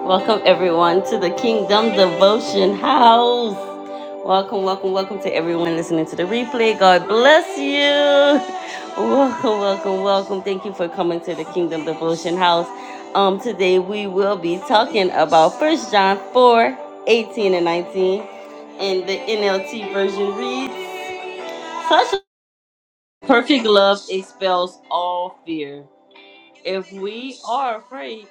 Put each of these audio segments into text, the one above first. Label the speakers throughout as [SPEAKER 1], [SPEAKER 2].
[SPEAKER 1] Welcome everyone to the Kingdom Devotion House. Welcome, welcome, welcome to everyone listening to the replay. God bless you. Welcome, welcome, welcome. Thank you for coming to the Kingdom Devotion House. Um, today we will be talking about First John 4 18 and 19. And the NLT version reads, Such a perfect love expels all fear. If we are afraid,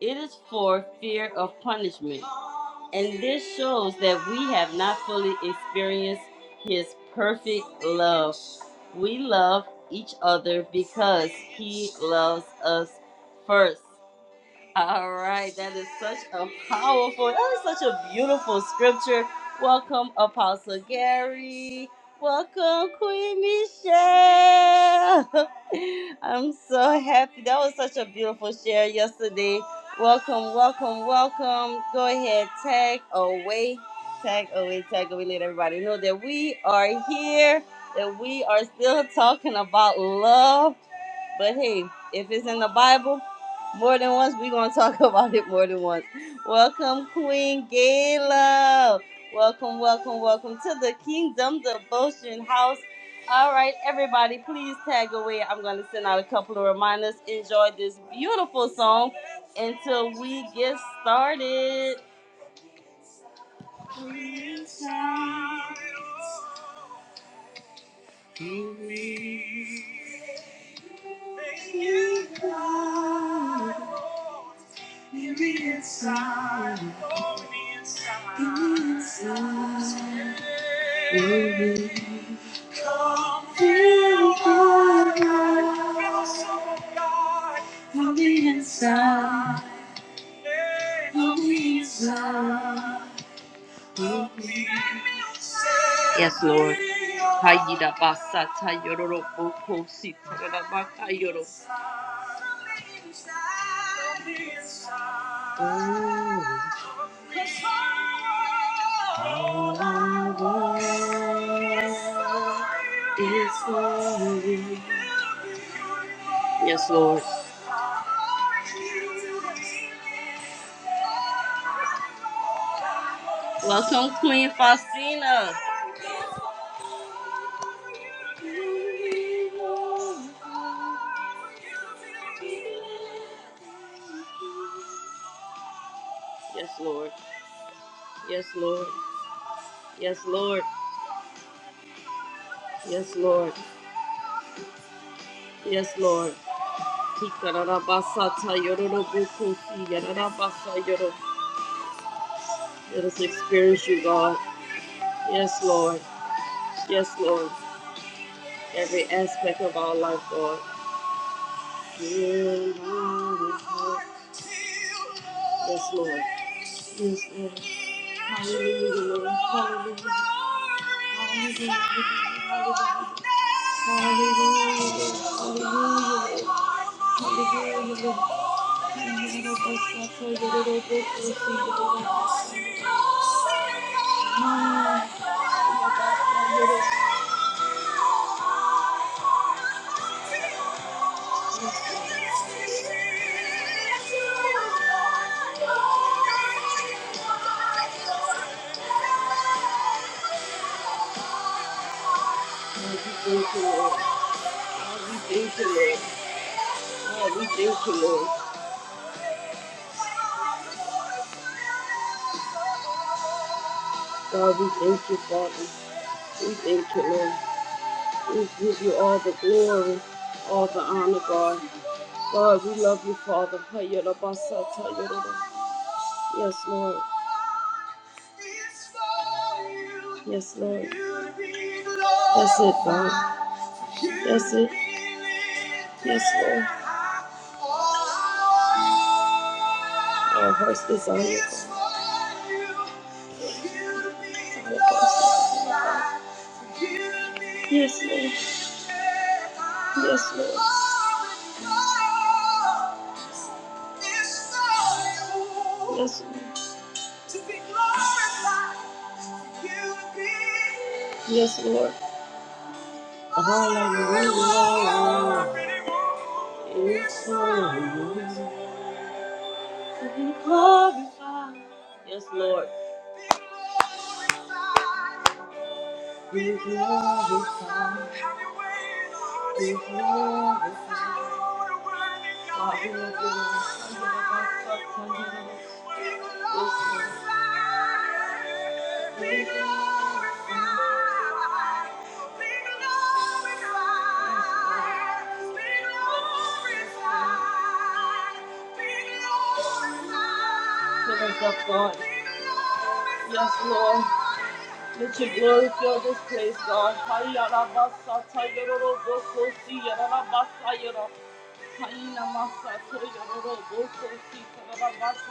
[SPEAKER 1] it is for fear of punishment. And this shows that we have not fully experienced His perfect love. We love each other because He loves us first. All right, that is such a powerful, that is such a beautiful scripture. Welcome, Apostle Gary. Welcome, Queen Michelle. I'm so happy. That was such a beautiful share yesterday. Welcome, welcome, welcome. Go ahead, tag away, tag away, tag away. Let everybody know that we are here, that we are still talking about love. But hey, if it's in the Bible, more than once, we're gonna talk about it more than once. Welcome, Queen Gala. Welcome, welcome, welcome to the Kingdom Devotion House. All right, everybody, please tag away. I'm gonna send out a couple of reminders. Enjoy this beautiful song until we get started. Please to me. Thank you, God. In the inside, oh, in the inside, in the inside. Amen. Come fill my life. Fill us up, oh God. On the inside, on the inside. Hmm? Yes, Lord. Hayida basa tayororo boko si tarabaka yoro. Oh, All I want is for you. Yes, Lord. Welcome, Queen Faustina. Yes, Lord. Yes, Lord. Yes, Lord. Yes, Lord. Yes, Lord. Kikarabasa tayorobuku yarabasa yoro. Let us experience you, God. Yes, Lord. Yes, Lord. Every aspect of our life, God. You are the Lord. Yes, Lord. Yes, Lord. Hallelujah, Lord. Hallelujah. Hallelujah. God, we thank you, Lord. God, we thank you, Lord. God, we thank you, Lord. God, we thank you, Father. We thank you, Lord. We give you all the glory, all the honor, God. Lord, we love you, Father. Hayalabasa, tayalaba. Yes, Lord. Yes, Lord. That's it, Lord. That's it. Yes, Lord. Our heart's desire, God. Our heart's desire. Yes, Lord. Yes, Lord. Yes, Lord. Yes, Lord. All I really want is for you. Yes, Lord. Be glorified. Be glorified. Father, we bless you. Be glorified. Be glorified. Be glorified. Be glorified. Be glorified. Fill us up, God. Yes, Lord. Let your glory fill this place, God. Satayoro boko si basayoro. Hayina masato yororo boko si tarara basayoro.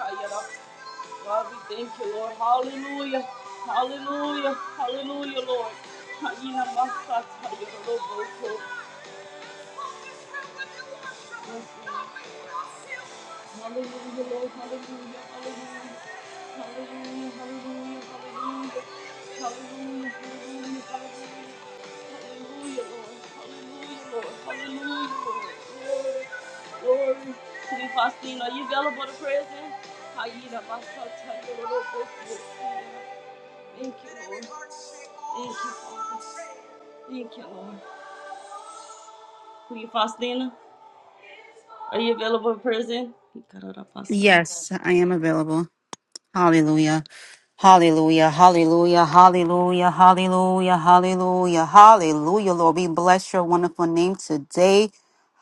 [SPEAKER 1] are you available to prison? Hayina masato yororo boko. Thank you, Lord. Thank you. Thank you, Lord. Queen Faustina, are you available to prison? He got it up outside.
[SPEAKER 2] Yes, I am available. Hallelujah. Hallelujah. Hallelujah. Hallelujah. Hallelujah. Hallelujah. Hallelujah. Lord, we bless your wonderful name today.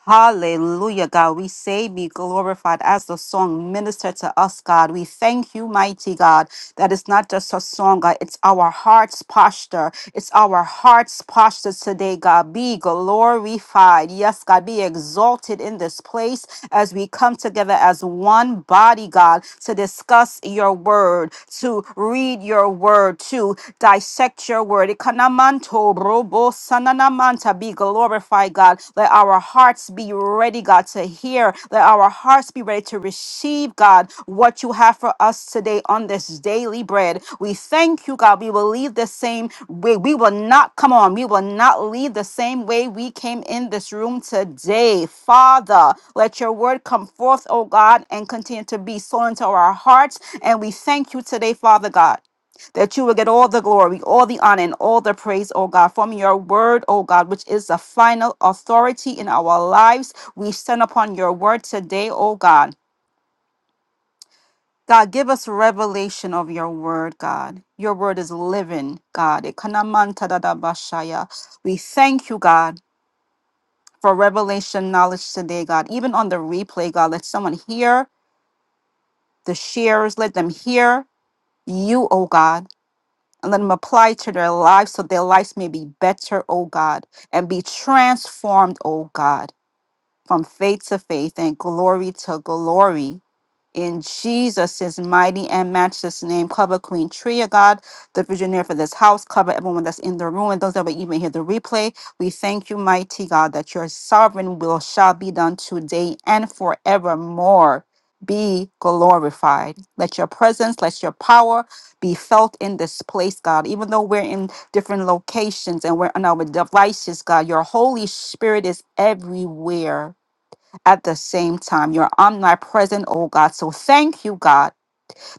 [SPEAKER 2] Hallelujah, God. We say be glorified as the song ministered to us, God. We thank you, mighty God, that it's not just a song, God. It's our heart's posture. It's our heart's posture today, God. Be glorified. Yes, God. Be exalted in this place as we come together as one body, God, to discuss your word, to read your word, to dissect your word. Robo Sananamanta be glorified, God. Let our hearts be ready, God, to hear. Let our hearts be ready to receive, God, what you have for us today on this daily bread. We thank you, God. We will leave the same way. We will not come on. We will not leave the same way we came in this room today. Father, let your word come forth, oh God, and continue to be sown into our hearts. And we thank you today, Father God that you will get all the glory, all the honor, and all the praise, oh God, from your word, oh God, which is the final authority in our lives. We stand upon your word today, oh God. God, give us revelation of your word, God. Your word is living, God. Ekanamantadadabashaya. We thank you, God, for revelation knowledge today, God. Even on the replay, God, let someone hear the shares, let them hear you, oh God. and let them apply to their lives so their lives may be better, oh God, and be transformed, oh God from faith to faith and glory to glory. In Jesus' mighty and matchless name, cover Queen Tria, God, the visionary for this house, cover everyone that's in the room and those that will even hear the replay. We thank you, mighty God, that your sovereign will shall be done today and forevermore. Be glorified. Let your presence, let your power be felt in this place, God. Even though we're in different locations and we're on our devices, God, your Holy Spirit is everywhere at the same time. You're omnipresent, oh God. So thank you, God,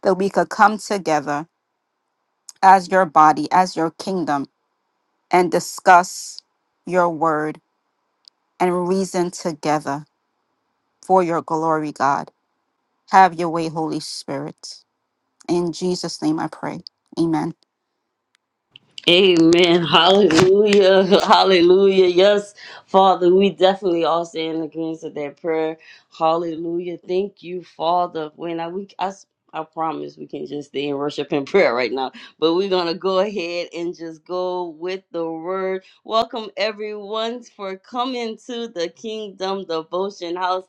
[SPEAKER 2] that we could come together as your body, as your kingdom, and discuss your word and reason together for your glory, God. Have your way, Holy Spirit. In Jesus' name I pray. Amen.
[SPEAKER 1] Amen. Hallelujah. Hallelujah. Yes, Father, we definitely all stay in agreement with that prayer. Hallelujah. Thank you, Father. When I we I, s- I promise we can just stay in worship and prayer right now, but we're gonna go ahead and just go with the word. Welcome everyone for coming to the Kingdom Devotion House.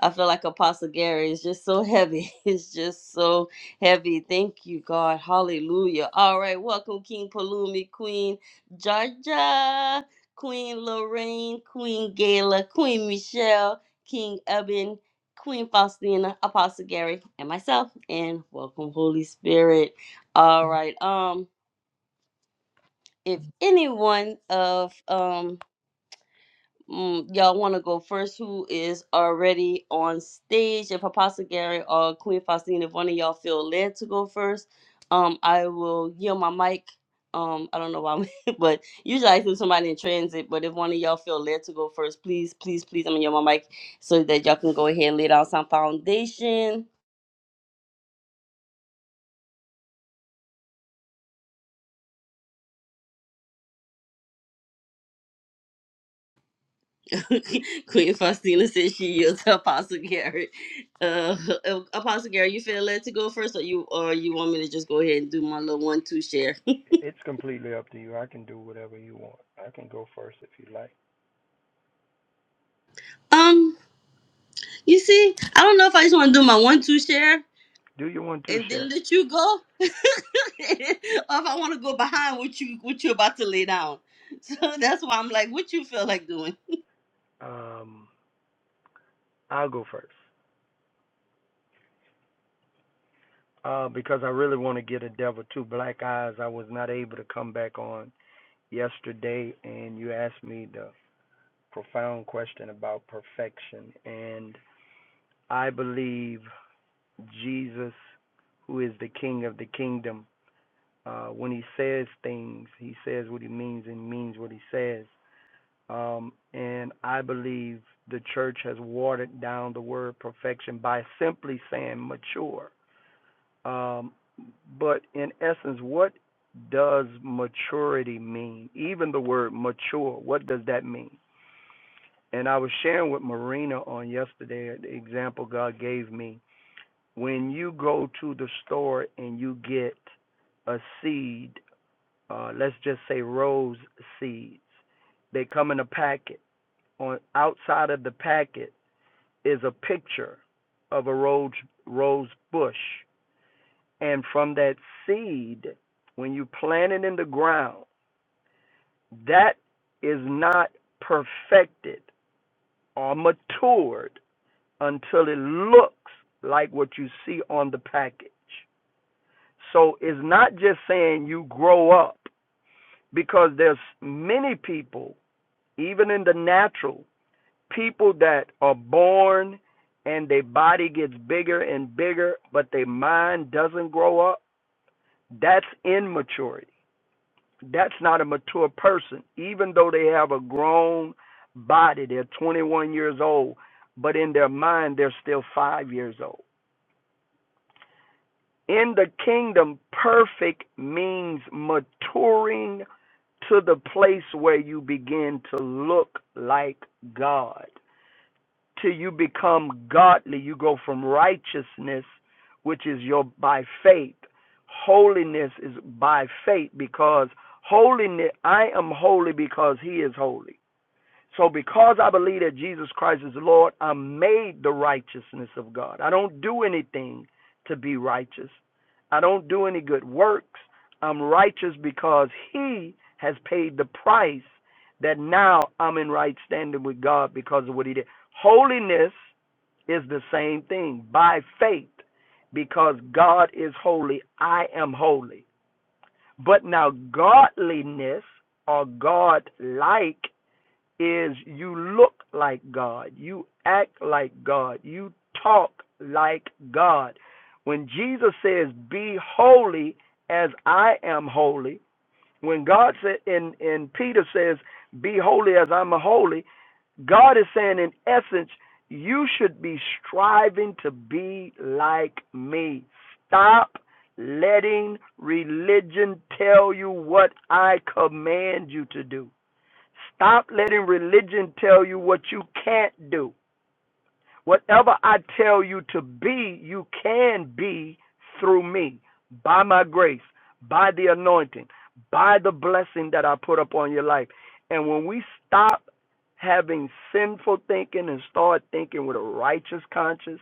[SPEAKER 1] I feel like Apostle Gary is just so heavy. It's just so heavy. Thank you, God. Hallelujah. All right, welcome, King Palumi, Queen Georgia, Queen Lorraine, Queen Gala, Queen Michelle, King Eben, Queen Faustina, Apostle Gary, and myself. And welcome, Holy Spirit. All right. Um, if any one of um Mm, y'all want to go first? Who is already on stage? If Apostle Gary or Queen Faustine, if one of y'all feel led to go first, um, I will yield my mic. Um, I don't know why, I'm- but usually I see somebody in transit. But if one of y'all feel led to go first, please, please, please, I'm gonna yield my mic so that y'all can go ahead and lay down some foundation. Queen Faustina says she yields to Apostle Gary. Uh, uh, Apostle Gary, you feel led to go first, or you, or you want me to just go ahead and do my little one-two share?
[SPEAKER 3] It's completely up to you. I can do whatever you want. I can go first if you like.
[SPEAKER 1] Um, you see, I don't know if I just want to do my one-two share
[SPEAKER 3] Do you want to
[SPEAKER 1] and then
[SPEAKER 3] share?
[SPEAKER 1] let you go, or if I want to go behind what you what you're about to lay down. So that's why I'm like, what you feel like doing?
[SPEAKER 3] Um, I'll go first uh, because I really want to get a Devil Two Black Eyes. I was not able to come back on yesterday, and you asked me the profound question about perfection, and I believe Jesus, who is the King of the Kingdom, uh, when he says things, he says what he means and means what he says. Um, and I believe the church has watered down the word perfection by simply saying mature. Um, but in essence, what does maturity mean? Even the word mature, what does that mean? And I was sharing with Marina on yesterday the example God gave me. When you go to the store and you get a seed, uh, let's just say rose seeds, they come in a packet on outside of the packet is a picture of a rose rose bush and from that seed when you plant it in the ground that is not perfected or matured until it looks like what you see on the package so it's not just saying you grow up because there's many people even in the natural people that are born and their body gets bigger and bigger, but their mind doesn't grow up, that's immaturity. That's not a mature person, even though they have a grown body. They're 21 years old, but in their mind, they're still five years old. In the kingdom, perfect means maturing to the place where you begin to look like God. till you become godly. You go from righteousness, which is your by faith. Holiness is by faith because holiness I am holy because he is holy. So, because I believe that Jesus Christ is Lord, I'm made the righteousness of God. I don't do anything to be righteous, I don't do any good works. I'm righteous because He has paid the price that now I'm in right standing with God because of what He did. Holiness is the same thing by faith because God is holy, I am holy. But now, godliness or God like is you look like God, you act like God, you talk like God. When Jesus says, "Be holy as I am holy," when God said, and and Peter says, "Be holy as I'm holy," God is saying, in essence, you should be striving to be like me. Stop letting religion tell you what I command you to do. Stop letting religion tell you what you can't do. Whatever I tell you to be, you can be through me, by my grace, by the anointing, by the blessing that I put upon your life. And when we stop having sinful thinking and start thinking with a righteous conscience,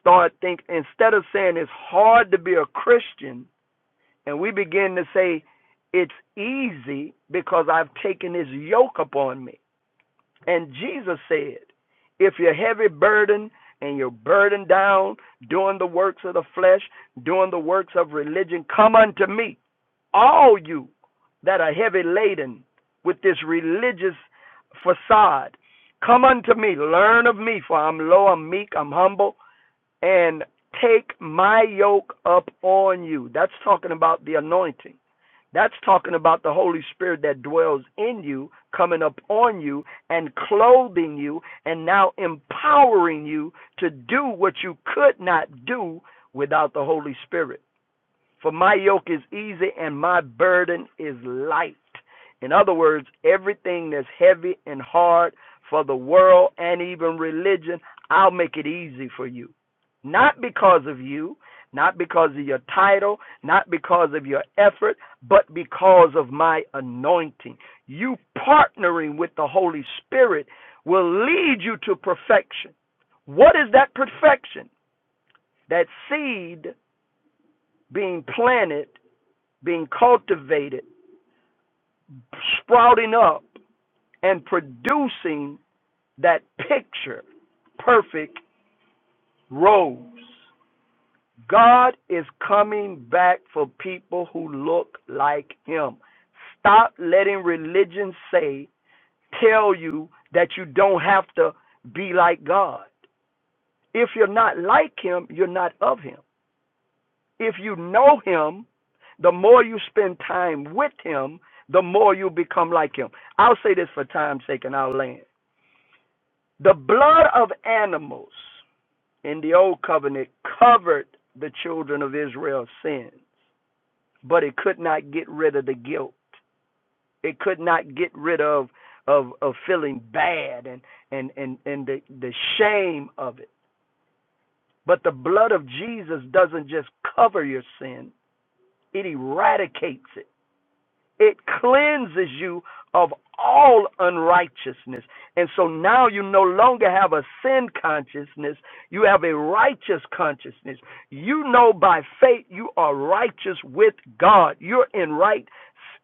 [SPEAKER 3] start think instead of saying it's hard to be a Christian, and we begin to say it's easy because I've taken his yoke upon me. And Jesus said, If you're heavy burdened and you're burdened down doing the works of the flesh, doing the works of religion, come unto me, all you that are heavy laden with this religious facade. Come unto me, learn of me, for I'm low, I'm meek, I'm humble, and take my yoke up on you. That's talking about the anointing that's talking about the Holy Spirit that dwells in you, coming upon you, and clothing you, and now empowering you to do what you could not do without the Holy Spirit. For my yoke is easy and my burden is light. In other words, everything that's heavy and hard for the world and even religion, I'll make it easy for you. Not because of you, not because of your title, not because of your effort, but because of my anointing. You partnering with the Holy Spirit will lead you to perfection. What is that perfection? That seed being planted being cultivated, sprouting up, and producing that picture perfect rose. God is coming back for people who look like Him. Stop letting religion say, tell you that you don't have to be like God. If you're not like Him, you're not of Him. If you know him, the more you spend time with him, the more you become like him. I'll say this for time's sake and I'll land. The blood of animals in the old covenant covered the children of Israel's sin, but it could not get rid of the guilt. It could not get rid of of, of feeling bad and, and, and, and the, the shame of it. But the blood of Jesus doesn't just cover your sin, it eradicates it It cleanses you of all unrighteousness. And so now you no longer have a sin consciousness, you have a righteous consciousness. You know by faith you are righteous with God, you're in right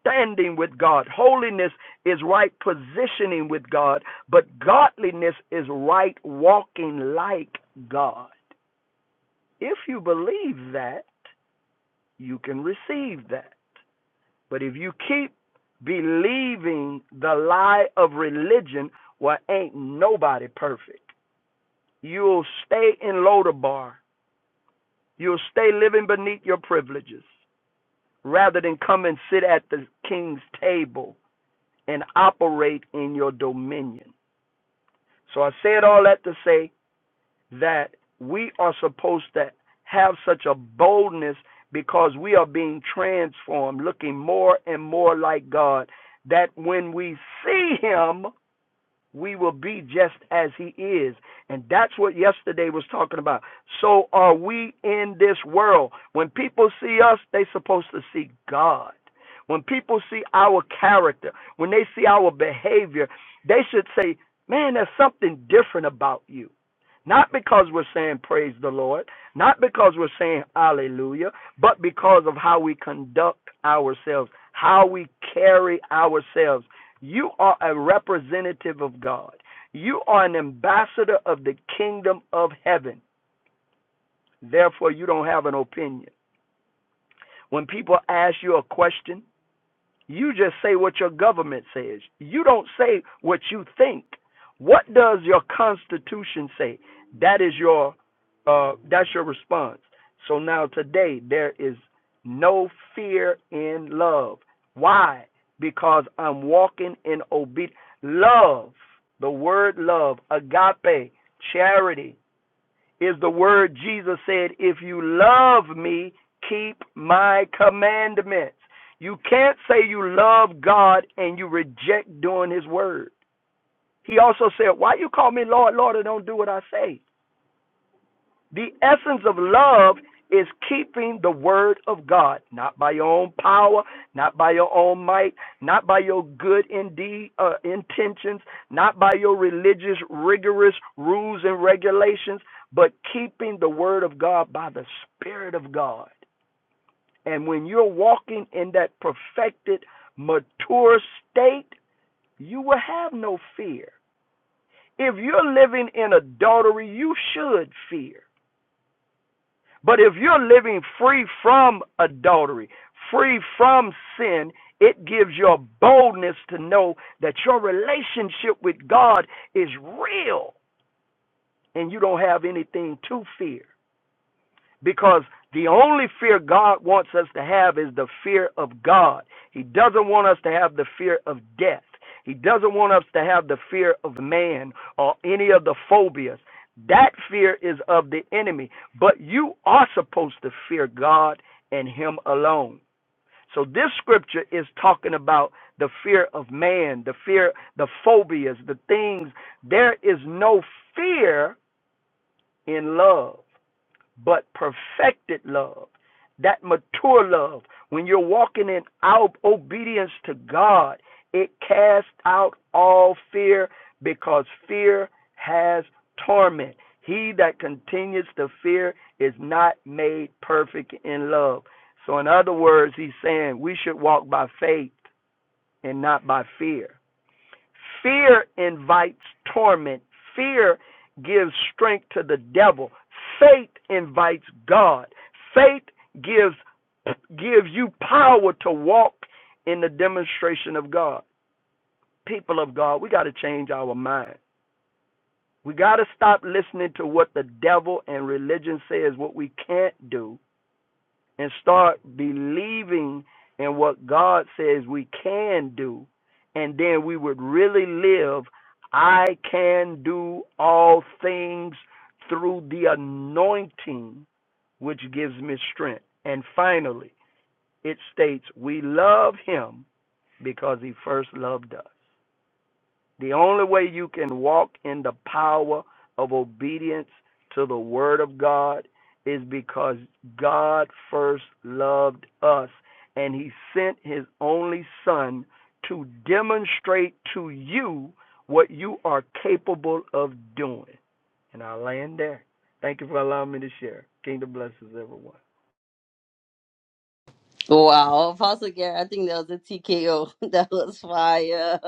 [SPEAKER 3] standing with God. Holiness is right positioning with God, but godliness is right walking like God. If you believe that, you can receive that. But if you keep believing the lie of religion, well, ain't nobody perfect. You'll stay in Lodabar. You'll stay living beneath your privileges rather than come and sit at the king's table and operate in your dominion. So I say it all that to say that we are supposed to have such a boldness because we are being transformed, looking more and more like God, that when we see Him, we will be just as he is. And that's what yesterday was talking about. So are we in this world. When people see us, they are supposed to see God. When people see our character, when they see our behavior, they should say, Man, there's something different about you. Not because we're saying praise the Lord, not because we're saying hallelujah, but because of how we conduct ourselves, how we carry ourselves you are a representative of God. You are an ambassador of the kingdom of heaven. Therefore, you don't have an opinion. When people ask you a question, you just say what your government says. You don't say what you think. What does your constitution say? That is your uh, that's your response. So now today there is no fear in love. Why? Because I'm walking in obedience. Love, the word love, agape, charity, is the word Jesus said, If you love me, keep my commandments. You can't say you love God and you reject doing his word. He also said, Why you call me Lord, Lord, and don't do what I say? The essence of love is keeping the word of God, not by your own power, not by your own might, not by your good indeed uh, intentions, not by your religious rigorous rules and regulations, but keeping the word of God by the spirit of God. And when you're walking in that perfected, mature state, you will have no fear. If you're living in adultery, you should fear. But if you're living free from adultery, free from sin, it gives you a boldness to know that your relationship with God is real and you don't have anything to fear. Because the only fear God wants us to have is the fear of God. He doesn't want us to have the fear of death. He doesn't want us to have the fear of man or any of the phobias. That fear is of the enemy. But you are supposed to fear God and Him alone. So this scripture is talking about the fear of man, the fear, the phobias, the things. There is no fear in love but perfected love, that mature love, when you're walking in our obedience to God, it casts out all fear because fear has torment. He that continues to fear is not made perfect in love. So, in other words, he's saying we should walk by faith and not by fear. Fear invites torment. Fear gives strength to the devil. Faith invites God. Faith gives gives you power to walk in the demonstration of God. People of God, we got to change our mind. We got to stop listening to what the devil and religion says what we can't do and start believing in what God says we can do, and then we would really live. I can do all things through the anointing which gives me strength. And finally, it states, We love him because he first loved us. The only way you can walk in the power of obedience to the Word of God is because God first loved us and He sent His only Son to demonstrate to you what you are capable of doing. And I land there. Thank you for allowing me to share. Kingdom blesses everyone.
[SPEAKER 1] Wow, Apostle Gary, I think that was a TKO. That was fire.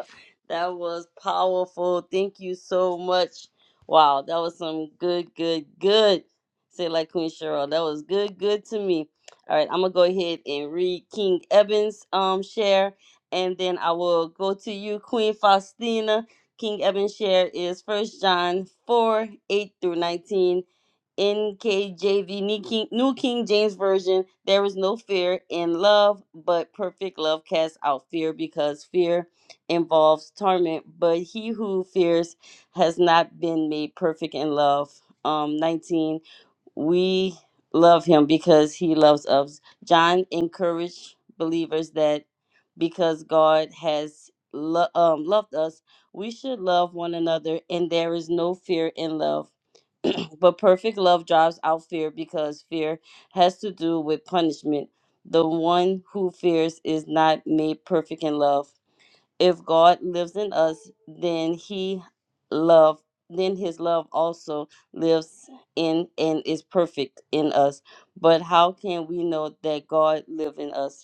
[SPEAKER 1] That was powerful. Thank you so much. Wow, that was some good, good, good. Say it like Queen Cheryl. That was good, good to me. All right, I'm gonna go ahead and read King Evans' um share, and then I will go to you, Queen Faustina. King Evans' share is First John four eight through nineteen NKJV, New King, New King James Version, there is no fear in love, but perfect love casts out fear because fear involves torment. But he who fears has not been made perfect in love. Um, 19, we love him because he loves us. John encouraged believers that because God has lo- um, loved us, we should love one another, and there is no fear in love. But perfect love drives out fear because fear has to do with punishment. The one who fears is not made perfect in love. If God lives in us, then he love then his love also lives in and is perfect in us. But how can we know that God lives in us?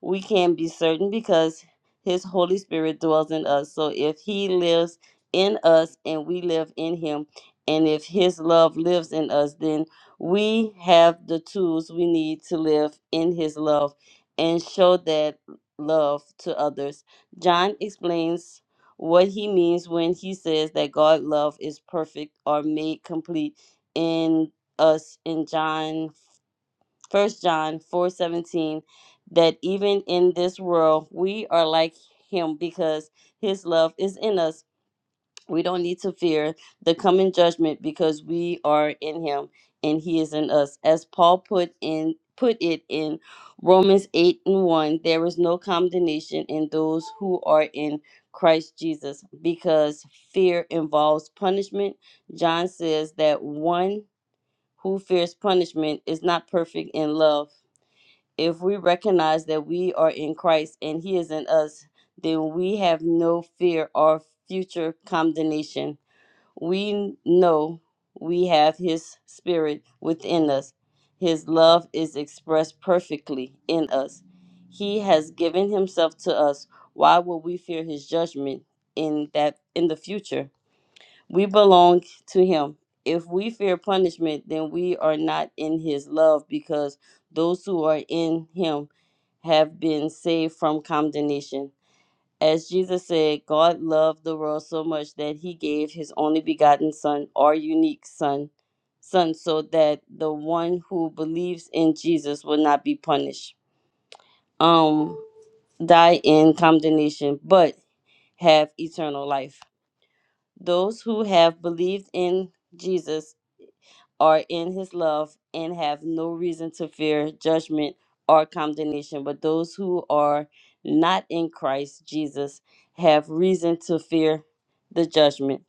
[SPEAKER 1] we can be certain because his Holy Spirit dwells in us. So if he lives in us and we live in him, and if his love lives in us, then we have the tools we need to live in his love and show that love to others. John explains what he means when he says that God's love is perfect or made complete in us in John First John 4 17, that even in this world we are like him because his love is in us. We don't need to fear the coming judgment because we are in him and he is in us. As Paul put in put it in Romans 8 and 1, there is no condemnation in those who are in Christ Jesus because fear involves punishment. John says that one who fears punishment is not perfect in love if we recognize that we are in Christ and He is in us, then we have no fear or future condemnation. We know we have His Spirit within us. His love is expressed perfectly in us. He has given Himself to us. Why will we fear His judgment in that in the future? We belong to him. If we fear punishment, then we are not in his love because those who are in him have been saved from condemnation. As Jesus said, God loved the world so much that he gave his only begotten son, our unique son, son so that the one who believes in Jesus will not be punished. Um die in condemnation, but have eternal life. Those who have believed in Jesus are in his love and have no reason to fear judgment or condemnation. But those who are not in Christ Jesus have reason to fear the judgment.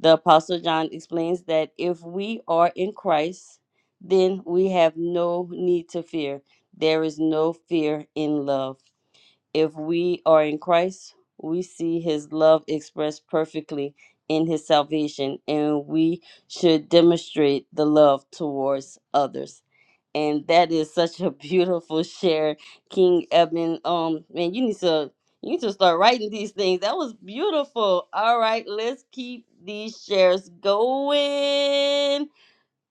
[SPEAKER 1] The Apostle John explains that if we are in Christ, then we have no need to fear. There is no fear in love. If we are in Christ, we see his love expressed perfectly in his salvation, and we should demonstrate the love towards others. And that is such a beautiful share, King Eben. Um, man, you need to you need to start writing these things. That was beautiful. All right, let's keep these shares going.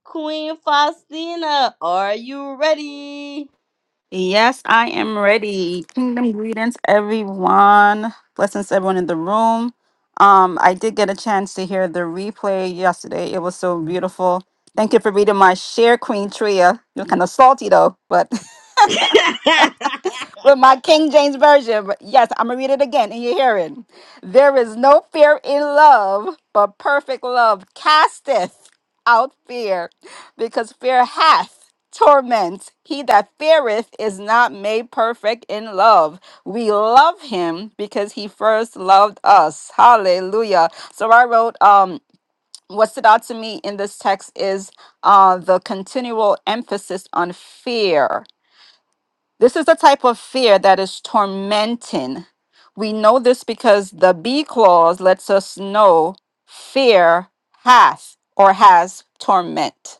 [SPEAKER 1] Queen Faustina, are you ready?
[SPEAKER 2] Yes, I am ready. Kingdom greetings, everyone. Blessings, to everyone in the room. Um, I did get a chance to hear the replay yesterday. It was so beautiful. Thank you for reading my share, Queen Tria. You're kind of salty though, but With my King James Version, but yes, I'm gonna read it again in your hearing. There is no fear in love, but perfect love casteth out fear, because fear hath torment. He that feareth is not made perfect in love. We love him because he first loved us. Hallelujah. So I wrote, um, what stood out to me in this text is uh, the continual emphasis on fear this is the type of fear that is tormenting. We know this because the B clause lets us know fear hath or has torment.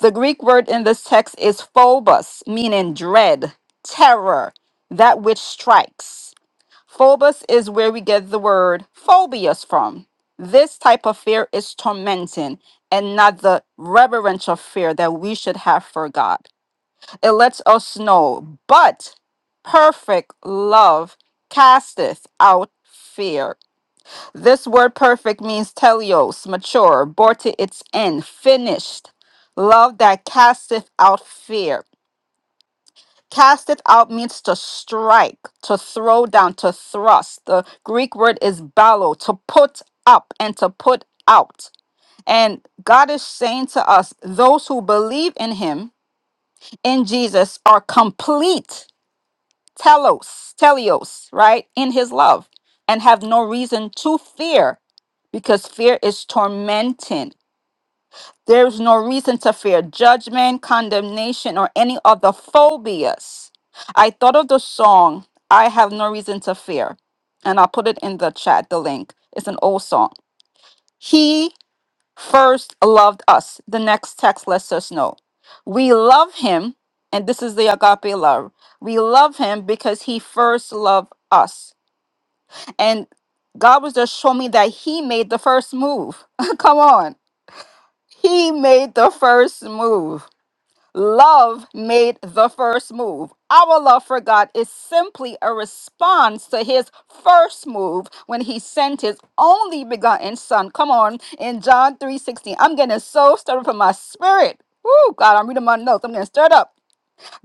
[SPEAKER 2] The Greek word in this text is phobos, meaning dread, terror, that which strikes. Phobos is where we get the word phobias from. This type of fear is tormenting and not the reverential fear that we should have for God it lets us know. But perfect love casteth out fear. This word perfect means teleos, mature, brought to its end, finished. Love that casteth out fear. Casteth out means to strike, to throw down, to thrust. The Greek word is ballo, to put up and to put out. And God is saying to us, those who believe in Him, in Jesus, are complete telos, telios, right, in his love, and have no reason to fear because fear is tormenting. There's no reason to fear judgment, condemnation, or any of the phobias. I thought of the song, I Have No Reason to Fear, and I'll put it in the chat, the link. It's an old song. He first loved us. The next text lets us know. We love him, and this is the agape love. We love him because he first loved us. And God was just showing me that he made the first move. Come on. He made the first move. Love made the first move. Our love for God is simply a response to his first move when he sent his only begotten son. Come on, in John 3:16. I'm getting so stirred up in my spirit. Woo, God, I'm reading my notes. I'm getting stirred up.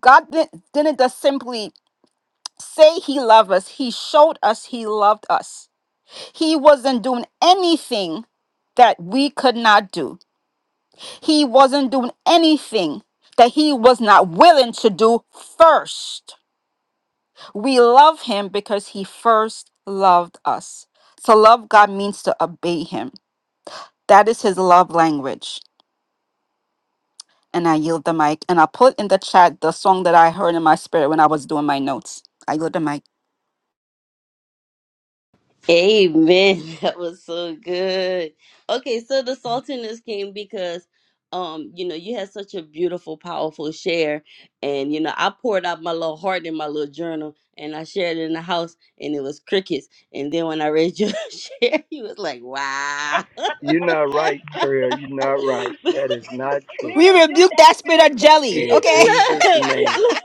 [SPEAKER 2] God didn't, didn't just simply say he loved us. He showed us he loved us. He wasn't doing anything that we could not do. He wasn't doing anything that he was not willing to do first. We love him because he first loved us. To love God means to obey him. That is his love language. And I yield the mic. And I put in the chat the song that I heard in my spirit when I was doing my notes. I yield the mic.
[SPEAKER 1] Amen. That was so good. Okay, so the saltiness came because um, you know, you had such a beautiful, powerful share. And you know, I poured out my little heart in my little journal and I shared it in the house and it was crickets. And then when I read your share, he was like, Wow.
[SPEAKER 3] You're not right, Tria. You're not right. That is not true.
[SPEAKER 2] We rebuke that spirit of jelly,
[SPEAKER 3] In
[SPEAKER 2] okay?
[SPEAKER 1] look,
[SPEAKER 3] Jesus' name.
[SPEAKER 1] look,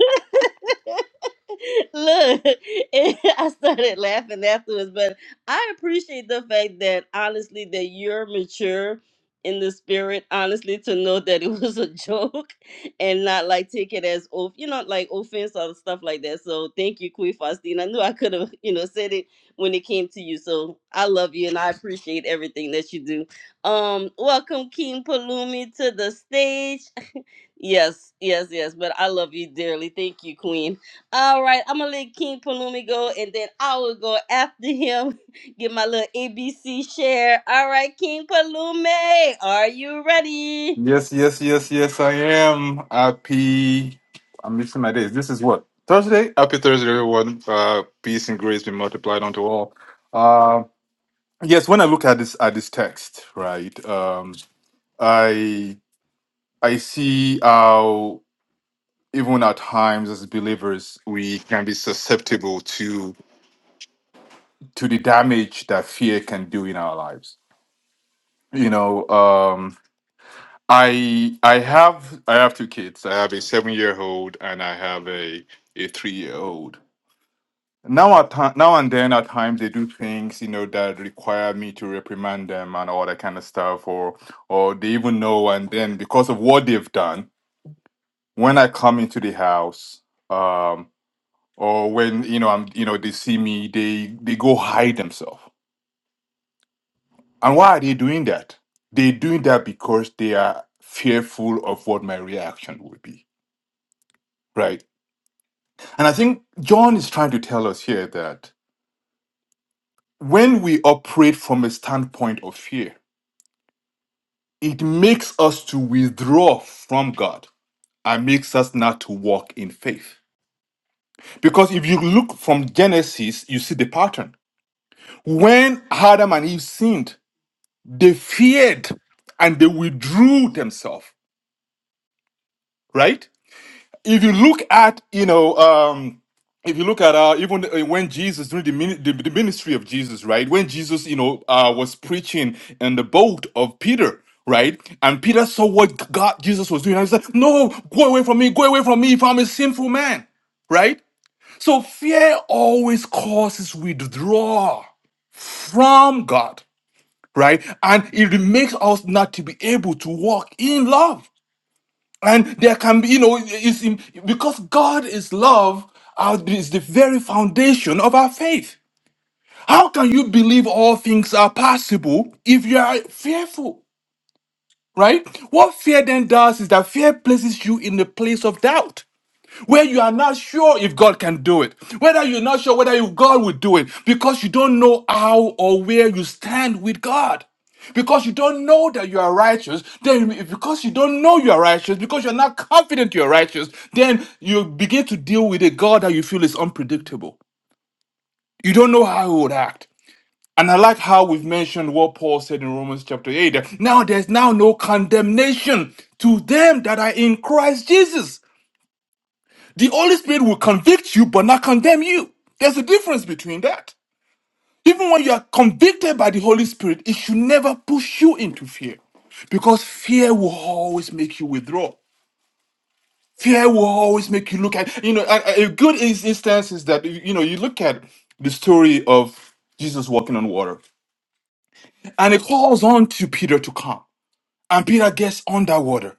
[SPEAKER 1] look. And I started laughing afterwards, but I appreciate the fact that honestly, that you're mature in the spirit, honestly, to know that it was a joke and not like take it as off, you know, like offense or stuff like that. So thank you, Queen Faustine. I knew I could have, you know, said it when it came to you. So I love you and I appreciate everything that you do. Um, welcome King Palumi to the stage. Yes, yes, yes. But I love you dearly. Thank you, Queen. All right, I'm gonna let King Palumi go, and then I will go after him. Get my little ABC share. All right, King Palumi, are you ready?
[SPEAKER 4] Yes, yes, yes, yes, I am. Happy. I'm missing my days. This is what? Thursday? Happy Thursday, everyone. Uh, peace and grace be multiplied unto all. Uh, yes, when I look at this at this text, right, um, I I see how even at times as believers we can be susceptible to to the damage that fear can do in our lives. You know, um, I I have I have two kids. I have a seven year old and I have a a three year old. Now at ti- now and then at times they do things you know that require me to reprimand them and all that kind of stuff, or or they even know and then because of what they've done, when I come into the house, um, or when you know I'm you know they see me, they they go hide themselves. And why are they doing that? They're doing that because they are fearful of what my reaction will be, right? And I think John is trying to tell us here that when we operate from a standpoint of fear, it makes us to withdraw from God and makes us not to walk in faith. Because if you look from Genesis, you see the pattern. When Adam and Eve sinned, they feared and they withdrew themselves, right? if you look at you know um if you look at uh even uh, when jesus during the, mini- the, the ministry of jesus right when jesus you know uh was preaching in the boat of peter right and peter saw what god jesus was doing and he said no go away from me go away from me if i'm a sinful man right so fear always causes withdrawal from god right and it makes us not to be able to walk in love and there can be, you know, it's in, because God is love uh, is the very foundation of our faith. How can you believe all things are possible if you are fearful, right? What fear then does is that fear places you in the place of doubt where you are not sure if God can do it, whether you're not sure whether if God will do it, because you don't know how or where you stand with God. Because you don't know that you are righteous, then because you don't know you are righteous, because you're not confident you are righteous, then you begin to deal with a God that you feel is unpredictable. You don't know how he would act. And I like how we've mentioned what Paul said in Romans chapter 8. that Now there's now no condemnation to them that are in Christ Jesus. The Holy Spirit will convict you but not condemn you. There's a difference between that. Even when you are convicted by the Holy Spirit, it should never push you into fear because fear will always make you withdraw. Fear will always make you look at, you know, a, a good ins- instance is that, you know, you look at the story of Jesus walking on water and it calls on to Peter to come and Peter gets on that water.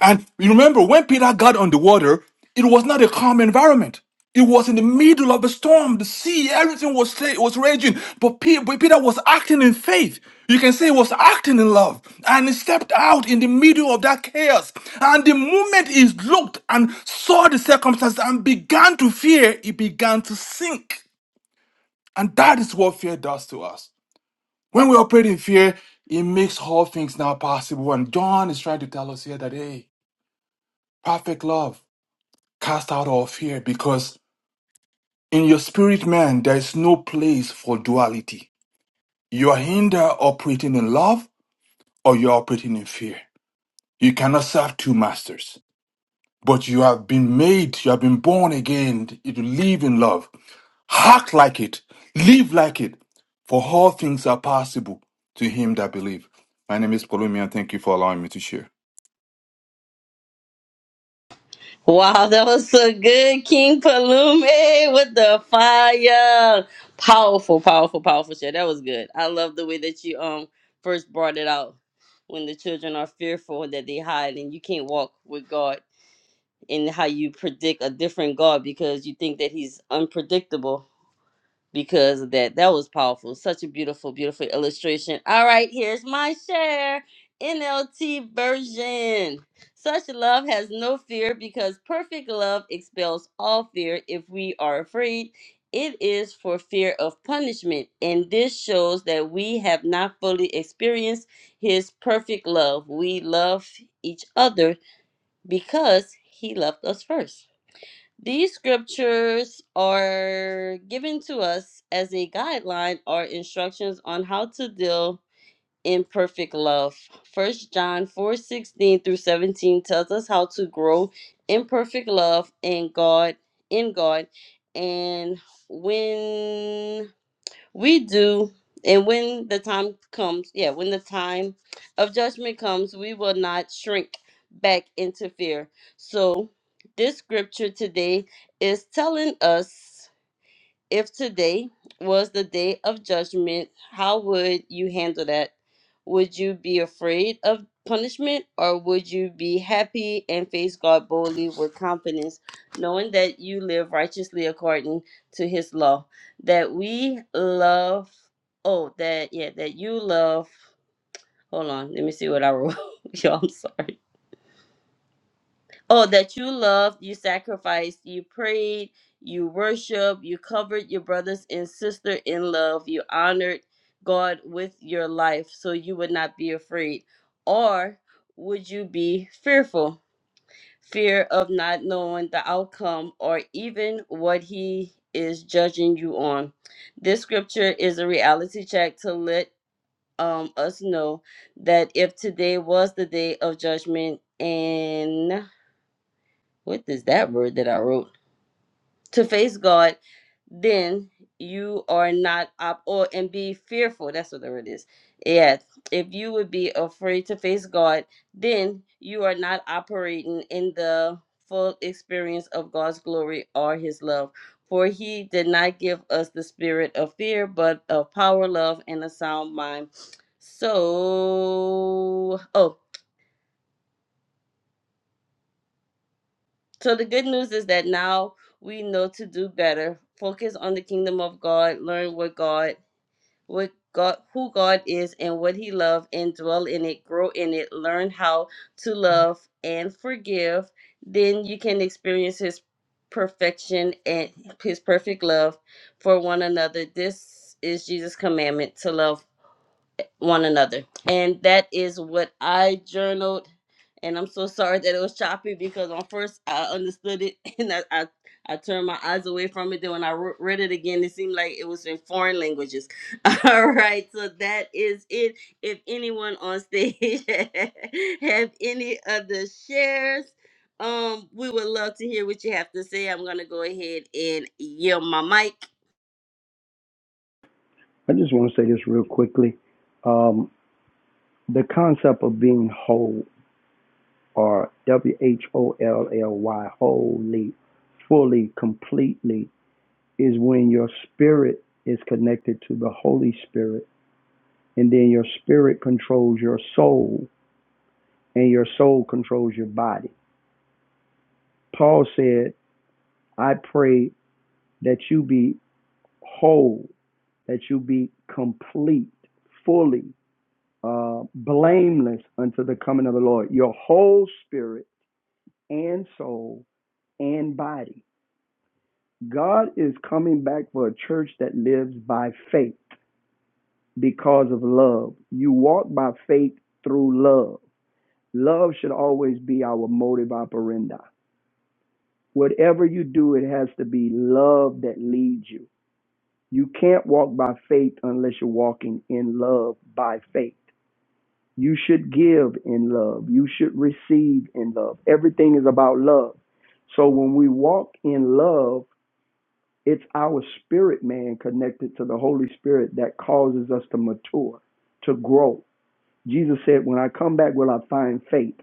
[SPEAKER 4] And you remember when Peter got on the water, it was not a calm environment. It was in the middle of a storm, the sea, everything was sa- was raging. But Pe- but Peter was acting in faith. You can say he was acting in love. And he stepped out in the middle of that chaos. And the moment he looked and saw the circumstances and began to fear, he began to sink. And that is what fear does to us. When we operate in fear, it makes all things now possible. And John is trying to tell us here that, hey, perfect love cast out all fear because in your spirit man there is no place for duality you are either operating in love or you're operating in fear you cannot serve two masters but you have been made you have been born again to live in love act like it live like it for all things are possible to him that believe my name is Palumi and thank you for allowing me to share
[SPEAKER 1] Wow, that was so good, King Palumi, with the fire. Powerful, powerful, powerful share. That was good. I love the way that you um first brought it out. When the children are fearful that they hide and you can't walk with God in how you predict a different God because you think that he's unpredictable because of that. That was powerful. Such a beautiful, beautiful illustration. All right, here's my share. NLT version. Such love has no fear because perfect love expels all fear. If we are afraid, it is for fear of punishment. And this shows that we have not fully experienced his perfect love. We love each other because he loved us first. These scriptures are given to us as a guideline or instructions on how to deal in perfect love. First John 4 16 through 17 tells us how to grow in perfect love in God, in God. And when we do, and when the time comes, yeah, when the time of judgment comes, we will not shrink back into fear. So, this scripture today is telling us. If today was the day of judgment, how would you handle that? Would you be afraid of punishment or would you be happy and face God boldly with confidence, knowing that you live righteously according to his law? That we love, oh, that, yeah, that you love. Hold on, let me see what I wrote. Yo, I'm sorry. Oh, that you loved, you sacrificed, you prayed, you worshiped, you covered your brothers and sister in love, you honored God with your life so you would not be afraid. Or would you be fearful? Fear of not knowing the outcome or even what He is judging you on. This scripture is a reality check to let um, us know that if today was the day of judgment and what is that word that I wrote? To face God, then you are not up or and be fearful. That's what the word is. Yeah. If you would be afraid to face God, then you are not operating in the full experience of God's glory or his love. For he did not give us the spirit of fear, but of power, love, and a sound mind. So, oh, So the good news is that now we know to do better. Focus on the kingdom of God, learn what God, what God, who God is and what he loves and dwell in it, grow in it, learn how to love and forgive. Then you can experience his perfection and his perfect love for one another. This is Jesus' commandment to love one another. And that is what I journaled and I'm so sorry that it was choppy because on first I understood it and I, I I turned my eyes away from it. Then when I re- read it again, it seemed like it was in foreign languages. All right, so that is it. If anyone on stage have any other shares, um, we would love to hear what you have to say. I'm gonna go ahead and yield my mic.
[SPEAKER 3] I just want to say this real quickly. Um, the concept of being whole, or W H O L L Y, wholly, fully, completely, is when your spirit is connected to the Holy Spirit, and then your spirit controls your soul, and your soul controls your body. Paul said, I pray that you be whole, that you be complete, fully. uh, blameless unto the coming of the Lord, your whole spirit and soul and body. God is coming back for a church that lives by faith because of love. You walk by faith through love. Love should always be our motive operandi. Whatever you do, it has to be love that leads you. You can't walk by faith unless you're walking in love by faith. You should give in love. You should receive in love. Everything is about love. So when we walk in love, it's our spirit man connected to the Holy Spirit that causes us to mature, to grow. Jesus said, When I come back, will I find faith?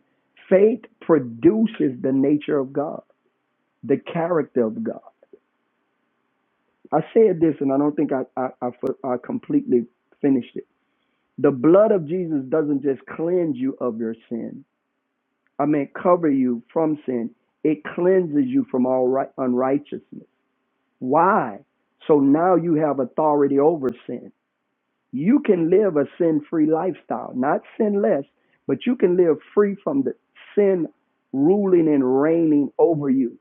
[SPEAKER 3] Faith produces the nature of God, the character of God. I said this, and I don't think I, I, I, I completely finished it. The blood of Jesus doesn't just cleanse you of your sin, I mean, cover you from sin. It cleanses you from all right, unrighteousness. Why? So now you have authority over sin. You can live a sin free lifestyle, not sinless, but you can live free from the sin ruling and reigning over you.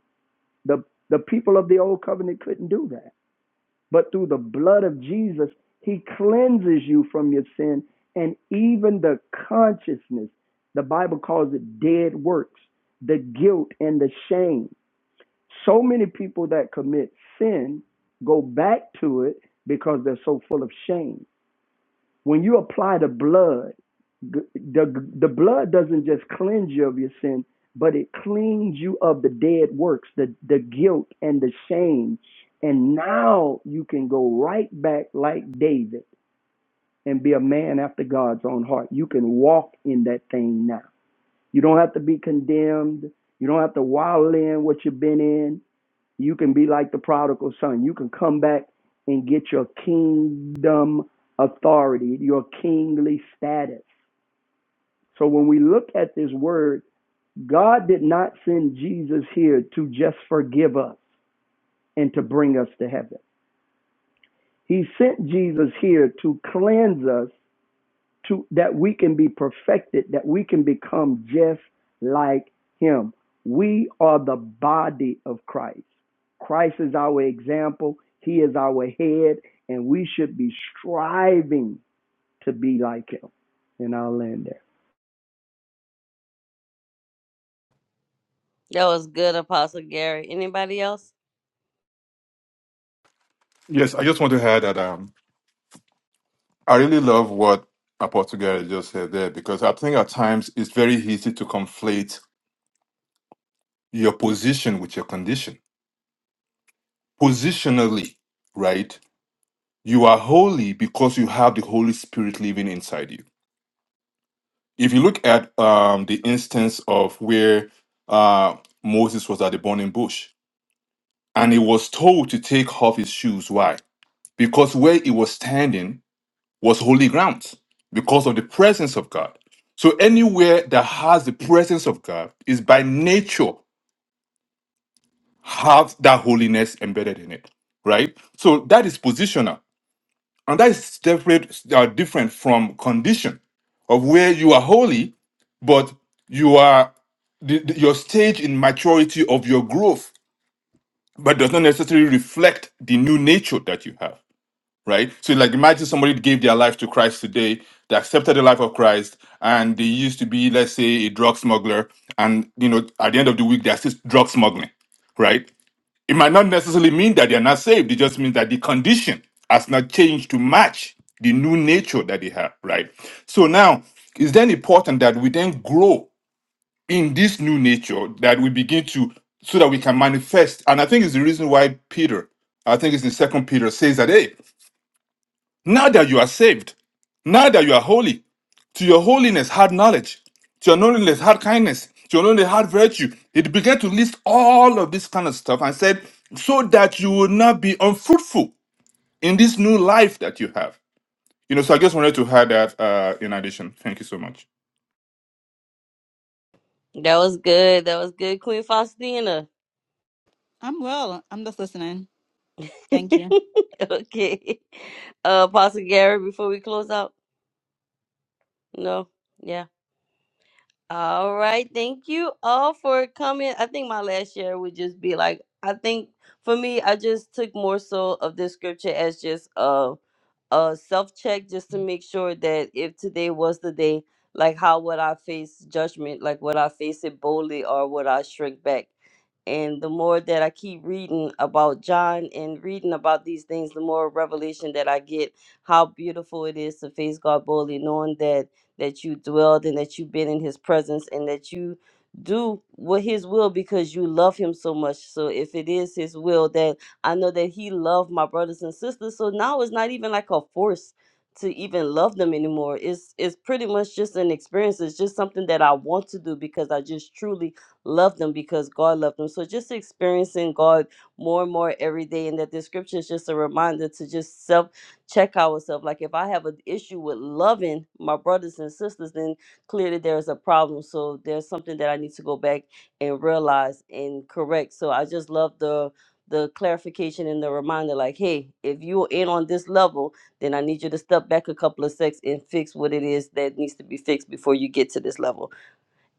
[SPEAKER 3] The, the people of the old covenant couldn't do that. But through the blood of Jesus, he cleanses you from your sin and even the consciousness. The Bible calls it dead works, the guilt and the shame. So many people that commit sin go back to it because they're so full of shame. When you apply the blood, the, the, the blood doesn't just cleanse you of your sin, but it cleans you of the dead works, the, the guilt and the shame. And now you can go right back like David and be a man after God's own heart. You can walk in that thing now. You don't have to be condemned. You don't have to wallow in what you've been in. You can be like the prodigal son. You can come back and get your kingdom authority, your kingly status. So when we look at this word, God did not send Jesus here to just forgive us and to bring us to heaven. He sent Jesus here to cleanse us to that we can be perfected, that we can become just like him. We are the body of Christ. Christ is our example, he is our head, and we should be striving to be like him. And I'll land there.
[SPEAKER 1] That was good, Apostle Gary. Anybody else?
[SPEAKER 4] yes i just want to add that um, I really love what Apostle Gary just said there because I think at times it's very easy to conflate your position with your condition. Positionally, right? You are holy because you have the Holy Spirit living inside you. If you look at um, the instance of where uh, Moses was at the burning bush and he was told to take off his shoes, why? Because where he was standing was holy ground because of the presence of God. So anywhere that has the presence of God is by nature have that holiness embedded in it, right? So that is positional, and that is separate, uh, different from condition of where you are holy, but you are the, the- your stage in maturity of your growth, but does not necessarily reflect the new nature that you have. right? So, like, imagine somebody gave their life to Christ today, they accepted the life of Christ, and they used to be, let's say, a drug smuggler, and you know, at the end of the week, they're still drug smuggling, right? It might not necessarily mean that they're not saved. It just means that the condition has not changed to match the new nature that they have, right? So now, it's then important that we then grow in this new nature that we begin to, so that we can manifest. And I think it's the reason why Peter, I think it's in Second Peter, says that, hey. Now that you are saved, now that you are holy, to your holiness had knowledge, to your holiness had kindness, to your holiness had virtue. It began to list all of this kind of stuff and said, so that you will not be unfruitful in this new life that you have. You know, so I just wanted to add that uh, in addition. Thank you so much.
[SPEAKER 1] That was good. That was good, Queen Faustina.
[SPEAKER 2] I'm well. I'm just listening. Thank you.
[SPEAKER 1] okay. Uh, Pastor Gary, before we close out? No? Yeah. All right. Thank you all for coming. I think my last share would just be like, I think for me, I just took more so of this scripture as just a, a self check just to make sure that if today was the day, like how would I face judgment? Like would I face it boldly or would I shrink back? And the more that I keep reading about John and reading about these things, the more revelation that I get how beautiful it is to face God boldly, knowing that that you dwelled and that you've been in his presence and that you do what his will because you love him so much. So if it is his will that I know that he loved my brothers and sisters. So now it's not even like a force to even love them anymore. It's it's pretty much just an experience. It's just something that I want to do because I just truly love them because God loved them. So just experiencing God more and more every day and that the scripture is just a reminder to just check ourselves. Like if I have an issue with loving my brothers and sisters, then clearly there's a problem. So there's something that I need to go back and realize and correct. So I just love the the clarification and the reminder like hey if you're in on this level then i need you to step back a couple of steps and fix what it is that needs to be fixed before you get to this level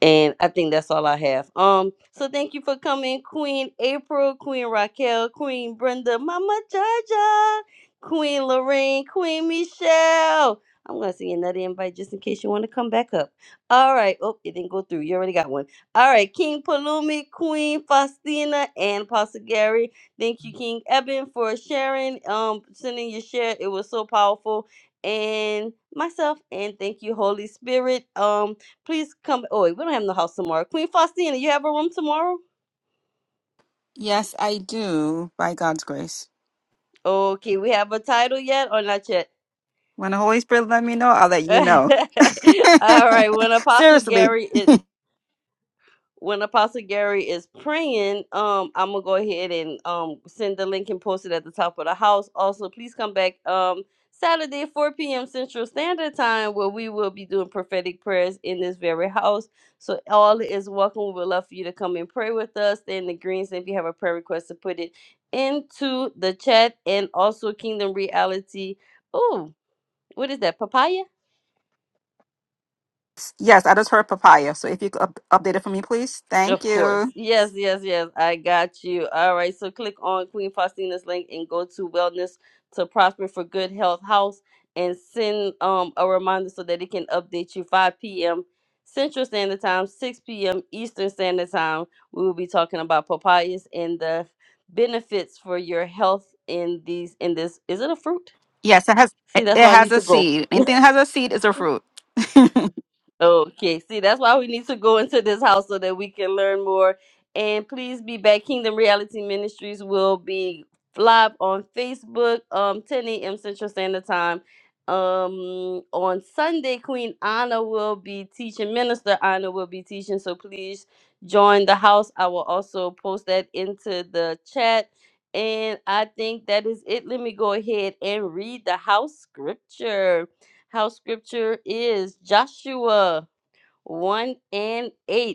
[SPEAKER 1] and I think that's all I have. Um, so thank you for coming, Queen April, Queen Raquel, Queen Brenda, Mama Jaja, Queen Lorraine, Queen Michelle. I'm gonna see another invite just in case you want to come back up. All right. Oh, it didn't go through. You already got one. All right, King Palumi, Queen Faustina, and Pastor Gary. Thank you, King Eben, for sharing. Um, sending your share. It was so powerful. And myself, and thank you, Holy Spirit. Um, Please come. Oh, we don't have no house tomorrow. Queen Faustina, you have a room tomorrow?
[SPEAKER 2] Yes, I do, by God's grace.
[SPEAKER 1] Okay, we have a title yet or not yet?
[SPEAKER 2] When the Holy Spirit let me know, I'll let you know.
[SPEAKER 1] All right. When Apostle
[SPEAKER 2] Seriously.
[SPEAKER 1] Gary is when Apostle Gary is praying, um, I'm gonna go ahead and um send the link and post it at the top of the house. Also, please come back um Saturday, 4 p.m. Central Standard Time, where we will be doing prophetic prayers in this very house. So all is welcome. We would love for you to come and pray with us Stay in the greens. and If you have a prayer request, to put it into the chat and also Kingdom Reality. Oh, what is that? Papaya?
[SPEAKER 2] Yes, I just heard papaya. So if you could up- update it for me, please. Thank
[SPEAKER 1] Of course.
[SPEAKER 2] you.
[SPEAKER 1] Yes, yes, yes. I got you. All right. So click on Queen Faustina's link and go to Wellness to Prosper for Good Health House and send um a reminder so that it can update you 5 p.m. Central Standard Time, 6 p.m. Eastern Standard Time. We will be talking about papayas and the benefits for your health in these in this. Is it a fruit?
[SPEAKER 2] Yes, it has
[SPEAKER 1] See,
[SPEAKER 2] it
[SPEAKER 1] that's
[SPEAKER 2] it
[SPEAKER 1] why I
[SPEAKER 2] has
[SPEAKER 1] need
[SPEAKER 2] a
[SPEAKER 1] to go.
[SPEAKER 2] seed. Anything that has a seed is a fruit.
[SPEAKER 1] Okay, see, that's why we need to go into this house so that we can learn more. And please be back. Kingdom Reality Ministries will be live on Facebook, um, 10 a.m. Central Standard Time. Um, on Sunday, Queen Anna will be teaching, Minister Anna will be teaching. So please join the house. I will also post that into the chat. And I think that is it. Let me go ahead and read the house scripture. House scripture is Joshua 1 and 8.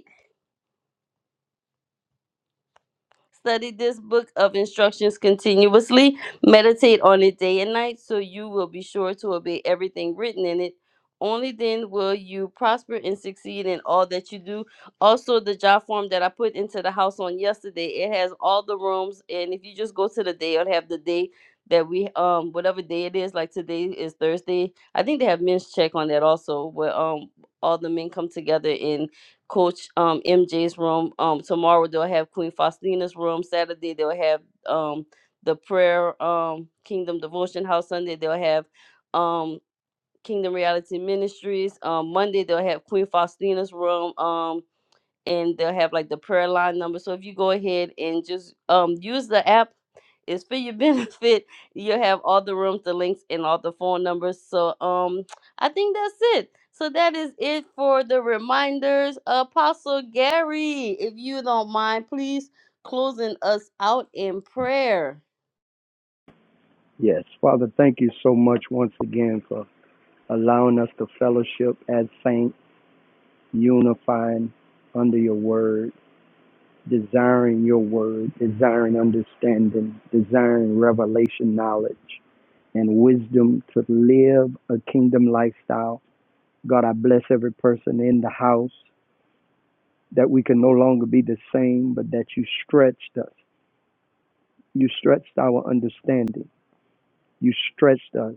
[SPEAKER 1] Study this book of instructions continuously. Meditate on it day and night so you will be sure to obey everything written in it. Only then will you prosper and succeed in all that you do. Also, the job form that I put into the house on yesterday, it has all the rooms. And if you just go to the day, it'll have the day that we um whatever day it is, like today is Thursday. I think they have men's check on that also, where um all the men come together and Coach um MJ's room. Um tomorrow they'll have Queen Faustina's room. Saturday they'll have um the prayer um Kingdom Devotion House. Sunday they'll have um Kingdom Reality Ministries. Um Monday they'll have Queen Faustina's room. Um and they'll have like the prayer line number. So if you go ahead and just um use the app, it's for your benefit. You'll have all the rooms, the links, and all the phone numbers. So um I think that's it. So that is it for the reminders. Apostle Gary, if you don't mind, please closing us out in prayer.
[SPEAKER 3] Yes. Father, thank you so much once again for allowing us to fellowship as saints, unifying under your word, desiring your word, desiring understanding, desiring revelation knowledge. and wisdom to live a kingdom lifestyle. God, I bless every person in the house that we can no longer be the same, but that you stretched us. You stretched our understanding. You stretched us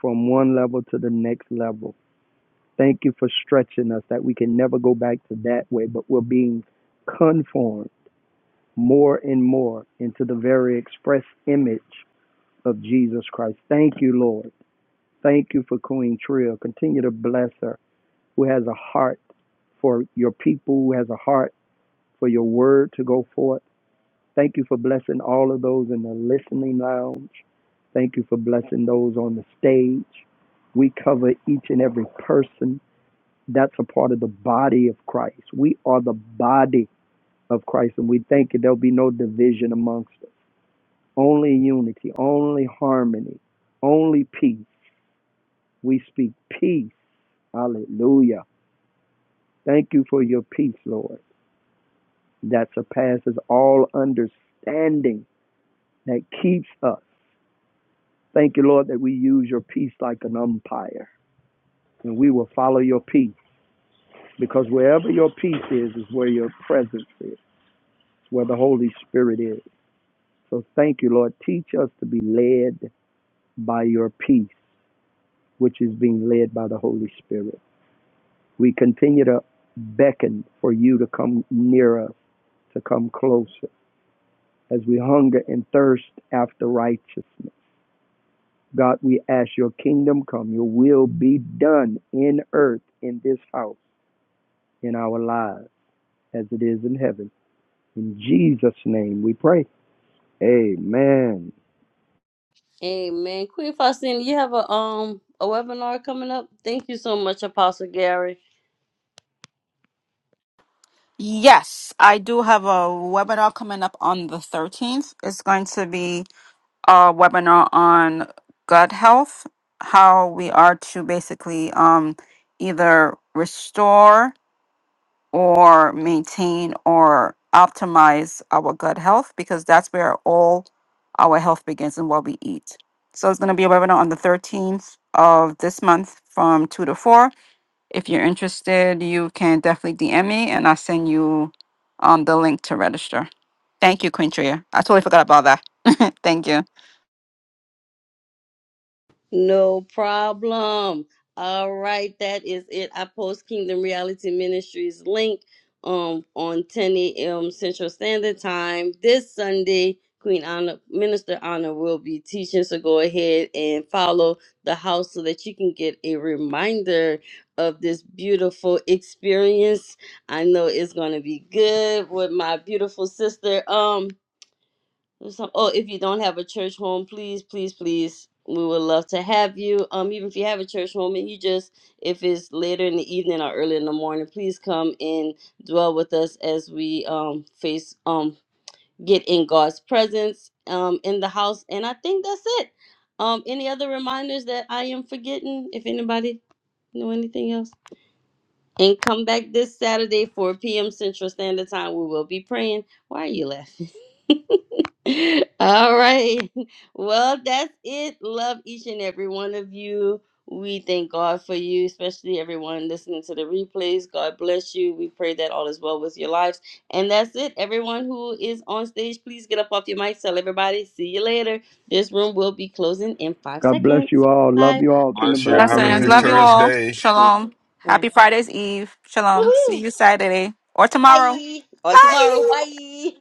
[SPEAKER 3] from one level to the next level. Thank you for stretching us that we can never go back to that way, but we're being conformed more and more into the very express image of Jesus Christ. Thank you, Lord. Thank you for Queen Trill. Continue to bless her who has a heart for your people, who has a heart for your word to go forth. Thank you for blessing all of those in the listening lounge. Thank you for blessing those on the stage. We cover each and every person that's a part of the body of Christ. We are the body of Christ, and we thank you there'll be no division amongst us. Only unity, only harmony, only peace. We speak peace. Hallelujah. Thank you for your peace, Lord. that surpasses all understanding that keeps us. Thank you, Lord, that we use your peace like an umpire and we will follow your peace because wherever your peace is, is where your presence is, where the Holy Spirit is. So thank you, Lord. Teach us to be led by your peace, which is being led by the Holy Spirit. We continue to beckon for you to come near us, to come closer as we hunger and thirst after righteousness God, we ask your kingdom come, your will be done in earth, in this house, in our lives, as it is in heaven. In Jesus' name we pray. Amen.
[SPEAKER 1] Amen. Queen Faustina, you have a um a webinar coming up. Thank you so much, Apostle Gary.
[SPEAKER 2] yes, I do have a webinar coming up on the 13th. It's going to be a webinar on gut health, how we are to basically um either restore or maintain or optimize our gut health because that's where all our health begins and what we eat. So it's going to be a webinar on the 13th of this month from 2 to 4. If you're interested, you can definitely DM me and I'll send you um, the link to register. Thank you, Queen Tria. I totally forgot about that. Thank you.
[SPEAKER 1] No problem. All right, that is it. I post Kingdom Reality Ministries link um on 10 a.m. Central Standard Time this Sunday. Queen Honor, Minister Honor will be teaching, so go ahead and follow the house so that you can get a reminder of this beautiful experience. I know it's gonna be good with my beautiful sister. Um, so, oh, if you don't have a church home, please, please, please, we would love to have you. Um, even if you have a church home and you just, if it's later in the evening or early in the morning, please come and dwell with us as we um face um get in God's presence um in the house. And I think that's it. Um, any other reminders that I am forgetting? If anybody know anything else. And come back this Saturday, 4 p.m. Central Standard Time. We will be praying. Why are you laughing? All right. Well, that's it. Love each and every one of you. We thank God for you, especially everyone listening to the replays. God bless you. We pray that all is well with your lives. And that's it. Everyone who is on stage, please get up off your mic. Tell everybody. See you later. This room will be closing in five
[SPEAKER 3] God bless
[SPEAKER 1] seconds.
[SPEAKER 3] you all. Love
[SPEAKER 1] Five,
[SPEAKER 3] you all. Kingdom
[SPEAKER 2] Blessings.
[SPEAKER 3] blessings.
[SPEAKER 2] Love you
[SPEAKER 1] three,
[SPEAKER 2] all.
[SPEAKER 1] two,
[SPEAKER 2] Shalom. Happy
[SPEAKER 1] one.
[SPEAKER 2] Friday's Eve. Shalom. See
[SPEAKER 1] Woohoo!
[SPEAKER 2] you Saturday or tomorrow.
[SPEAKER 1] Bye. Or tomorrow.
[SPEAKER 2] Bye.
[SPEAKER 1] Bye.